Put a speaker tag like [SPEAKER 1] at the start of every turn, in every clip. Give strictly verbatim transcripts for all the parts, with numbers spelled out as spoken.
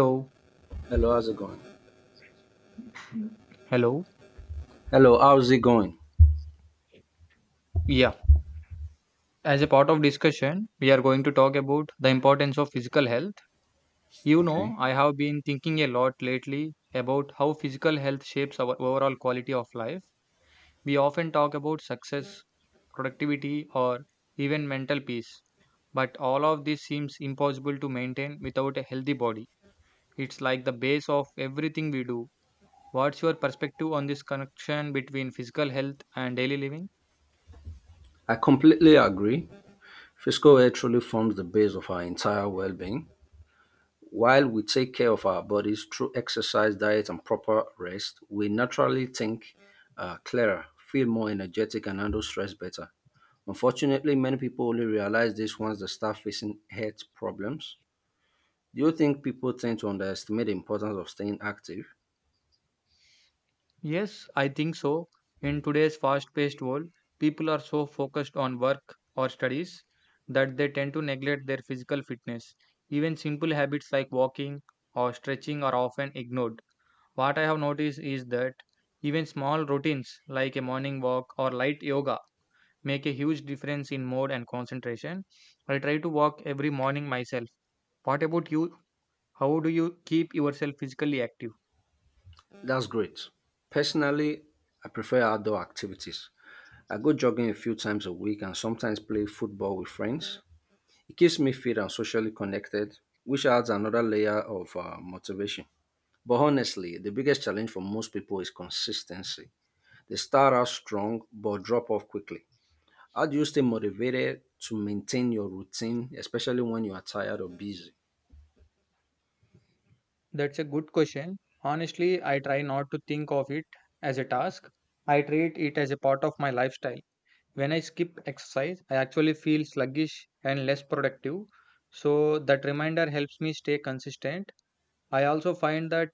[SPEAKER 1] So,
[SPEAKER 2] Hello, how's it going?
[SPEAKER 1] hello.
[SPEAKER 2] Hello, how's it going?
[SPEAKER 1] Yeah. As a part of discussion, we are going to talk about the importance of physical health. You
[SPEAKER 2] Okay.
[SPEAKER 1] know, I have been thinking a lot lately about how physical health shapes our overall quality of life. We often talk about success, productivity, or even mental peace, but all of this seems impossible to maintain without a healthy body. It's like the base of everything we do. What's your perspective on this connection between physical health and daily living?
[SPEAKER 2] I completely agree. Physical health truly forms the base of our entire well being. While we take care of our bodies through exercise, diet, and proper rest, we naturally think uh, clearer, feel more energetic, and handle stress better. Unfortunately, many people only realize this once they start facing health problems. Do you think people tend to underestimate the importance of staying active?
[SPEAKER 1] Yes, I think so. In today's fast paced world, people are so focused on work or studies that they tend to neglect their physical fitness. Even simple habits like walking or stretching are often ignored. What I have noticed is that even small routines like a morning walk or light yoga make a huge difference in mood and concentration. I try to walk every morning myself. What about you? How do you keep yourself physically active?
[SPEAKER 2] That's great. Personally, I prefer outdoor activities. I go jogging a few times a week and sometimes play football with friends. It keeps me fit and socially connected, which adds another layer of uh, motivation. But honestly, the biggest challenge for most people is consistency. They start out strong but drop off quickly. How do you stay motivated to maintain your routine, especially when you are tired or busy?
[SPEAKER 1] That's a good question. Honestly, I try not to think of it as a task. I treat it as a part of my lifestyle. When I skip exercise, I actually feel sluggish and less productive. So that reminder helps me stay consistent. I also find that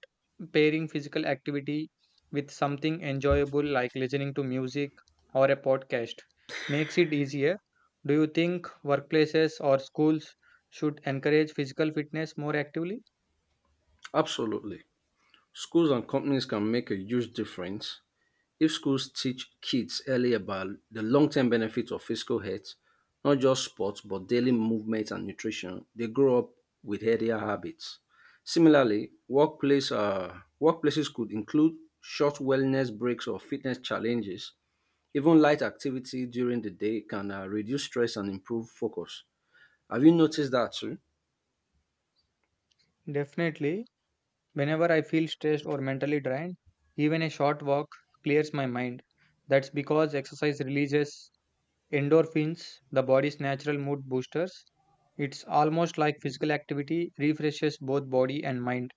[SPEAKER 1] pairing physical activity with something enjoyable like listening to music or a podcast makes it easier. Do you think workplaces or schools should encourage physical fitness more actively?
[SPEAKER 2] Absolutely. Schools and companies can make a huge difference. If schools teach kids early about the long term benefits of physical health, not just sports but daily movement and nutrition, they grow up with healthier habits. Similarly, workplace, uh, workplaces could include short wellness breaks or fitness challenges. Even light activity during the day can uh, reduce stress and improve focus. Have you noticed that too?
[SPEAKER 1] Definitely. Whenever I feel stressed or mentally drained, even a short walk clears my mind. That's because exercise releases endorphins, the body's natural mood boosters. It's almost like physical activity refreshes both body and mind.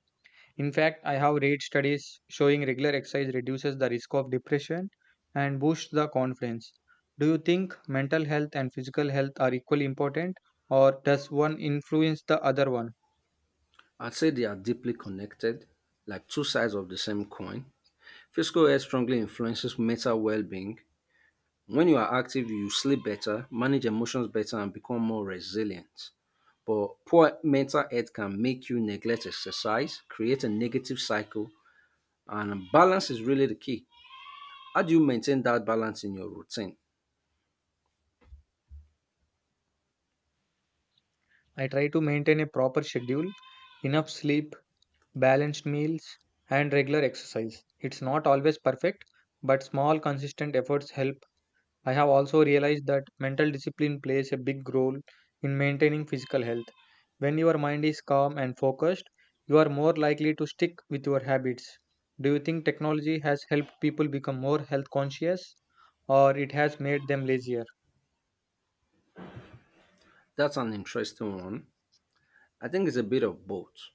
[SPEAKER 1] In fact, I have read studies showing regular exercise reduces the risk of depression and boosts the confidence. Do you think mental health and physical health are equally important, or does one influence the other one?
[SPEAKER 2] I'd say they are deeply connected, like two sides of the same coin. Physical health strongly influences mental well being. When you are active, you sleep better, manage emotions better, and become more resilient. But poor mental health can make you neglect exercise, create a negative cycle, and balance is really the key. How do you maintain that balance in your routine?
[SPEAKER 1] I try to maintain a proper schedule, enough sleep, balanced meals, and regular exercise. It's not always perfect, but small, consistent efforts help. I have also realized that mental discipline plays a big role in maintaining physical health. When your mind is calm and focused, you are more likely to stick with your habits. Do you think technology has helped people become more health conscious or it has made them lazier?
[SPEAKER 2] That's an interesting one. I think it's a bit of both.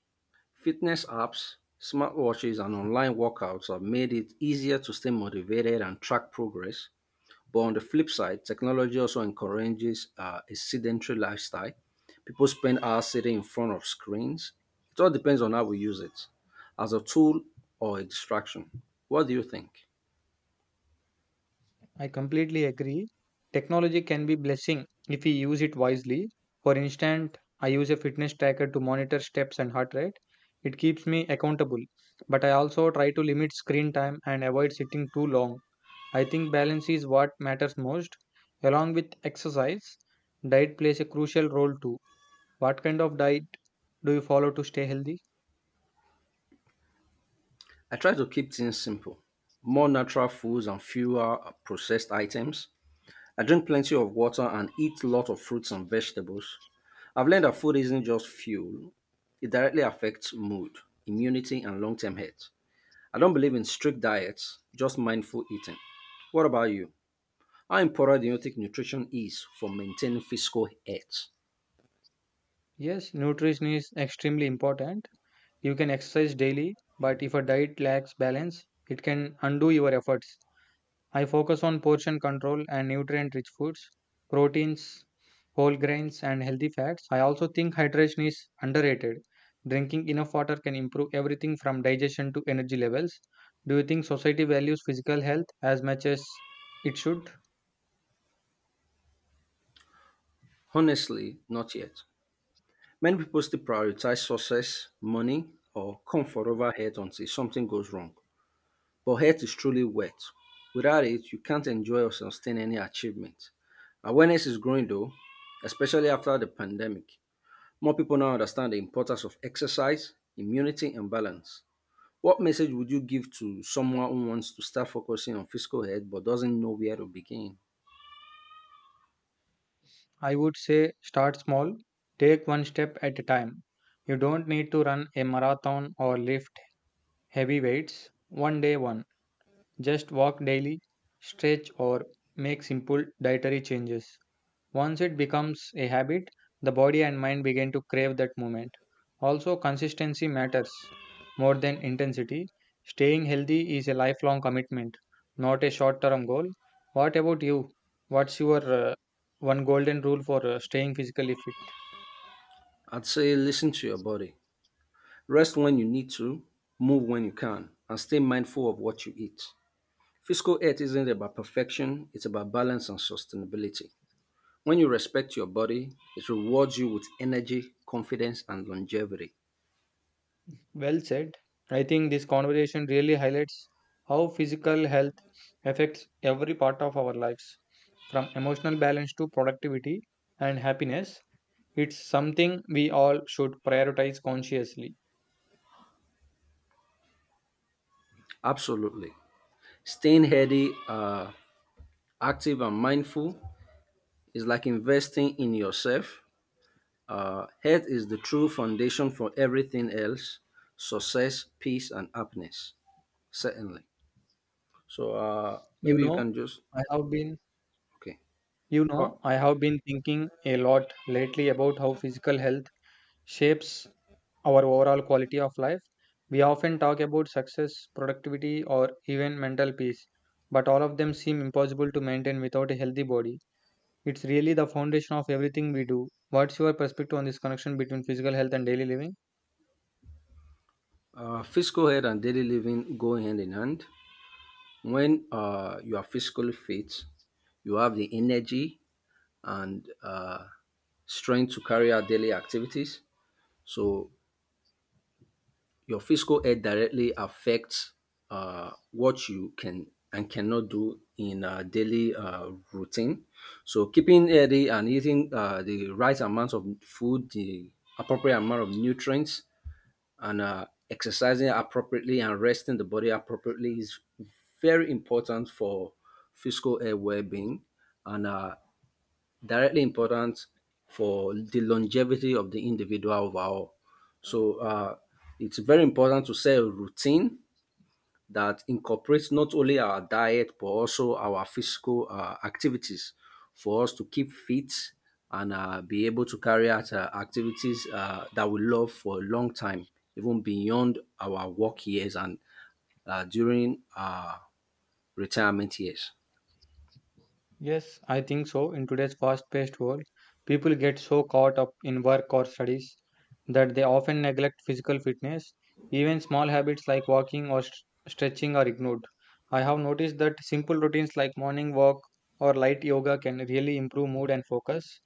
[SPEAKER 2] Fitness apps, smartwatches, and online workouts have made it easier to stay motivated and track progress. But on the flip side, technology also encourages uh, a sedentary lifestyle. People spend hours sitting in front of screens. It all depends on how we use it, as a tool or a distraction. What do you think?
[SPEAKER 1] I completely agree. Technology can be blessing if we use it wisely. For instance, I use a fitness tracker to monitor steps and heart rate. It keeps me accountable, but I also try to limit screen time and avoid sitting too long. I think balance is what matters most. Along with exercise, diet plays a crucial role too. What kind of diet do you follow to stay healthy?
[SPEAKER 2] I try to keep things simple, more natural foods and fewer uh, processed items. I drink plenty of water and eat a lot of fruits and vegetables. I've learned that food isn't just fuel, it directly affects mood, immunity, and long term health. I don't believe in strict diets, just mindful eating. What about you? How important do you think nutrition is for maintaining physical health?
[SPEAKER 1] Yes, nutrition is extremely important. You can exercise daily, but if a diet lacks balance, it can undo your efforts. I focus on portion control and nutrient rich foods, proteins, whole grains, and healthy fats. I also think hydration is underrated. Drinking enough water can improve everything from digestion to energy levels. Do you think society values physical health as much as it should?
[SPEAKER 2] Honestly, not yet. Many people still prioritize success, money, or comfort over health until something goes wrong. But health is truly wealth. Without it, you can't enjoy or sustain any achievement. Awareness is growing though, especially after the pandemic. More people now understand the importance of exercise, immunity, and balance. What message would you give to someone who wants to start focusing on physical health but doesn't know where to begin?
[SPEAKER 1] I would say start small, take one step at a time. You don't need to run a marathon or lift heavy weights one day one. Just walk daily, stretch, or make simple dietary changes. Once it becomes a habit, the body and mind begin to crave that moment. Also, consistency matters more than intensity. Staying healthy is a lifelong commitment, not a short term goal. What about you? What's your uh, one golden rule for uh, staying physically fit?
[SPEAKER 2] I'd say listen to your body. Rest when you need to, move when you can, and stay mindful of what you eat. Physical health isn't about perfection, it's about balance and sustainability. When you respect your body, it rewards you with energy, confidence, and longevity.
[SPEAKER 1] Well said. I think this conversation really highlights how physical health affects every part of our lives, from emotional balance to productivity and happiness. It's something we all should prioritize consciously.
[SPEAKER 2] Absolutely. Staying healthy, uh, active, and mindful is like investing in yourself. Uh, health is the true foundation for everything else, success, peace, and happiness. Certainly. So uh,
[SPEAKER 1] You
[SPEAKER 2] maybe you
[SPEAKER 1] know,
[SPEAKER 2] can just,
[SPEAKER 1] I have been
[SPEAKER 2] okay.
[SPEAKER 1] You
[SPEAKER 2] Got,
[SPEAKER 1] know, I have been thinking a lot lately about how physical health shapes our overall quality of life. We often talk about success, productivity, or even mental peace, but all of them seem impossible to maintain without a healthy body. It's really the foundation of everything we do. What's your perspective on this connection between physical health and daily living?
[SPEAKER 2] uh, physical health and daily living go hand in hand. When uh, you are physically fit, you have the energy and uh, strength to carry out daily activities. So your fiscal health directly affects uh, what you can and cannot do in a daily uh, routine. So keeping healthy and eating uh, the right amount of food, the appropriate amount of nutrients, and uh, exercising appropriately and resting the body appropriately is very important for physical health well-being and uh, directly important for the longevity of the individual overall. So uh, it's very important to set a routine that incorporates not only our diet but also our physical uh, activities for us to keep fit and uh, be able to carry out uh, activities uh, that we love for a long time, even beyond our work years and uh, during our retirement years.
[SPEAKER 1] Yes, I think so. In today's fast paced world, people get so caught up in work or studies that they often neglect physical fitness. Even small habits like walking or st- stretching are ignored. I have noticed that simple routines like morning walk or light yoga can really improve mood and focus.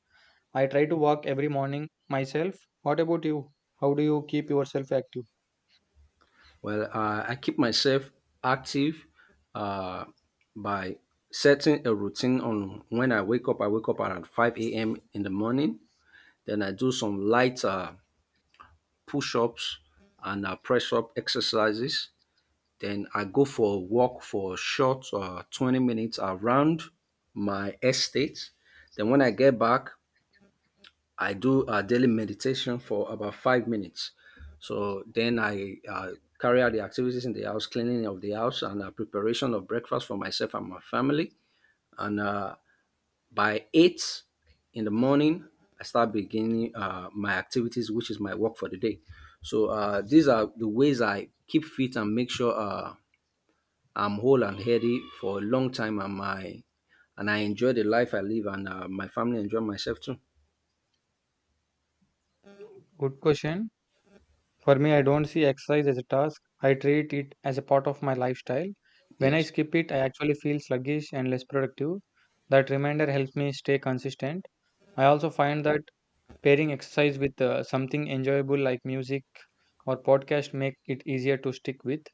[SPEAKER 1] I try to walk every morning myself. What about you? How do you keep yourself active?
[SPEAKER 2] Well, uh, I keep myself active uh, by setting a routine on when I wake up. I wake up around five a m in the morning. Then I do some light uh, push ups and uh, press up exercises. Then I go for a walk for a short uh, twenty minutes around my estate. Then when I get back, I do a daily meditation for about five minutes. So then I uh, carry out the activities in the house, cleaning of the house, and uh, preparation of breakfast for myself and my family. And uh, by eight in the morning, I start beginning uh, my activities, which is my work for the day. So uh, these are the ways I keep fit and make sure uh, I'm whole and healthy for a long time, and my and I enjoy the life I live, and uh, my family enjoy myself too.
[SPEAKER 1] Good question. For me, I don't see exercise as a task. I treat it as a part of my lifestyle. When I
[SPEAKER 2] Yes.
[SPEAKER 1] skip it, I actually feel sluggish and less productive. That reminder helps me stay consistent. I also find that pairing exercise with uh, something enjoyable like music or podcast make it easier to stick with.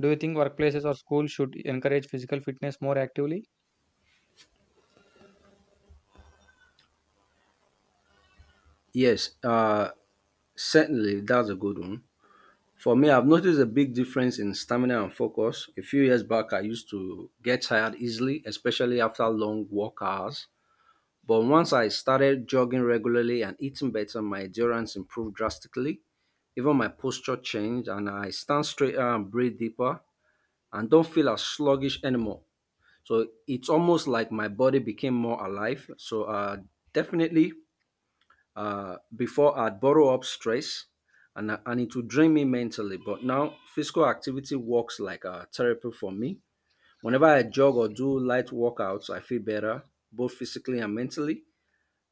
[SPEAKER 1] Do you think workplaces or schools should encourage physical fitness more actively?
[SPEAKER 2] Yes, uh, certainly that's a good one. For me, I've noticed a big difference in stamina and focus. A few years back, I used to get tired easily, especially after long work hours. But once I started jogging regularly and eating better, my endurance improved drastically. Even my posture changed, and I stand straighter and breathe deeper and don't feel as sluggish anymore. So it's almost like my body became more alive. So uh, definitely uh, before I'd borrow up stress and, and it would drain me mentally. But now physical activity works like a therapy for me. Whenever I jog or do light workouts, I feel better, both physically and mentally.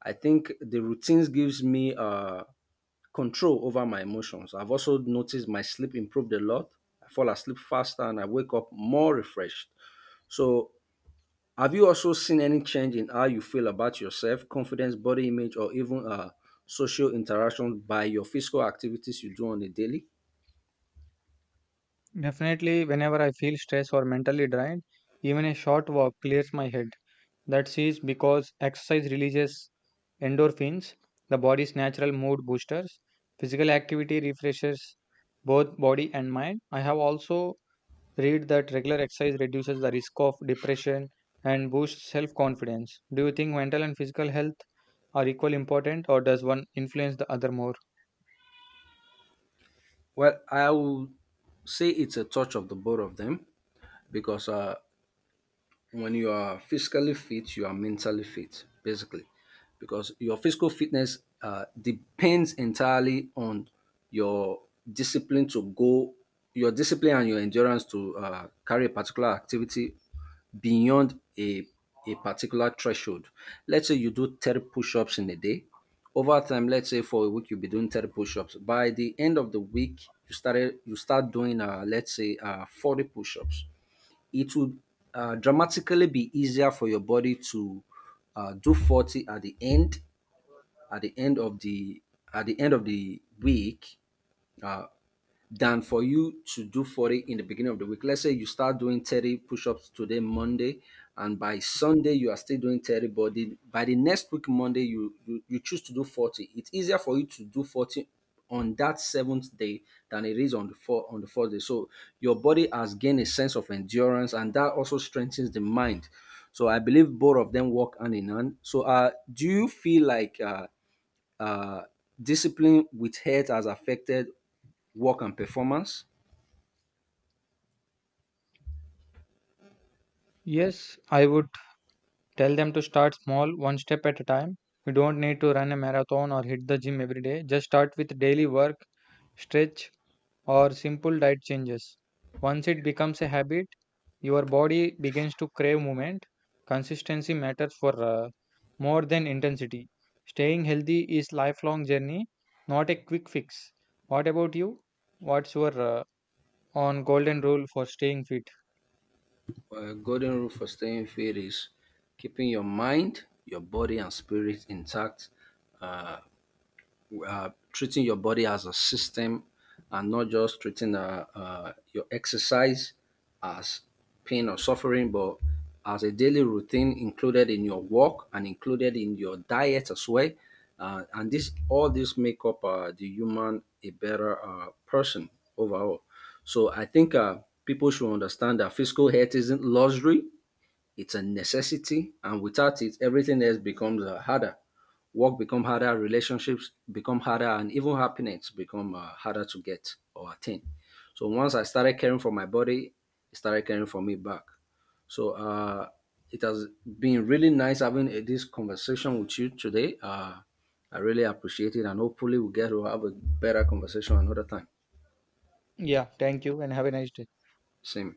[SPEAKER 2] I think the routines gives me uh, control over my emotions. I've also noticed my sleep improved a lot. I fall asleep faster and I wake up more refreshed. So have you also seen any change in how you feel about yourself, confidence, body image, or even uh, social interaction by your physical activities you do on a daily?
[SPEAKER 1] Definitely, whenever I feel stressed or mentally drained, even a short walk clears my head. That is because exercise releases endorphins, the body's natural mood boosters. Physical activity refreshes both body and mind. I have also read that regular exercise reduces the risk of depression and boosts self confidence. Do you think mental and physical health are equally important, or does one influence the other more?
[SPEAKER 2] Well, I will say it's a touch of the both of them, because uh, when you are physically fit, you are mentally fit, basically, because your physical fitness uh, depends entirely on your discipline to go, your discipline and your endurance to uh, carry a particular activity beyond a, a particular threshold. Let's say you do thirty push ups in a day. Over time, let's say for a week, you'll be doing thirty push ups. By the end of the week, you started you start doing uh, let's say uh, forty push ups. It would uh, dramatically be easier for your body to uh, do forty at the end at the end of the at the end of the week, uh, than for you to do forty in the beginning of the week. Let's say you start doing thirty push-ups today, Monday, and by Sunday you are still doing thirty, but the, by the next week, Monday, you, you you choose to do forty. It's easier for you to do forty on that seventh day than it is on the four on the fourth day. So your body has gained a sense of endurance, and that also strengthens the mind. So I believe both of them work hand in hand. So uh, do you feel like uh, uh, discipline with health has affected work and performance.
[SPEAKER 1] Yes, I would tell them to start small, one step at a time. You don't need to run a marathon or hit the gym every day. Just start with daily work, stretch, or simple diet changes. Once it becomes a habit, your body begins to crave movement. Consistency matters for uh, more than intensity. Staying healthy is lifelong journey, not a quick fix. What about you? What's your uh, on golden rule for staying fit?
[SPEAKER 2] Uh, golden rule for staying fit is keeping your mind, your body, and spirit intact. Uh, uh, Treating your body as a system and not just treating uh, uh, your exercise as pain or suffering, but as a daily routine included in your work and included in your diet as well. Uh, and this, all this make up uh, the human a better uh, person overall. So I think uh, people should understand that physical health isn't luxury; it's a necessity and without it, everything else becomes uh, harder. Work become harder, relationships become harder, and even happiness become uh, harder to get or attain. So once I started caring for my body, it started caring for me back. So uh, it has been really nice having uh, this conversation with you today. Uh, I really appreciate it, and hopefully we get to have a better conversation another time.
[SPEAKER 1] Yeah, thank you and have a nice day.
[SPEAKER 2] Same.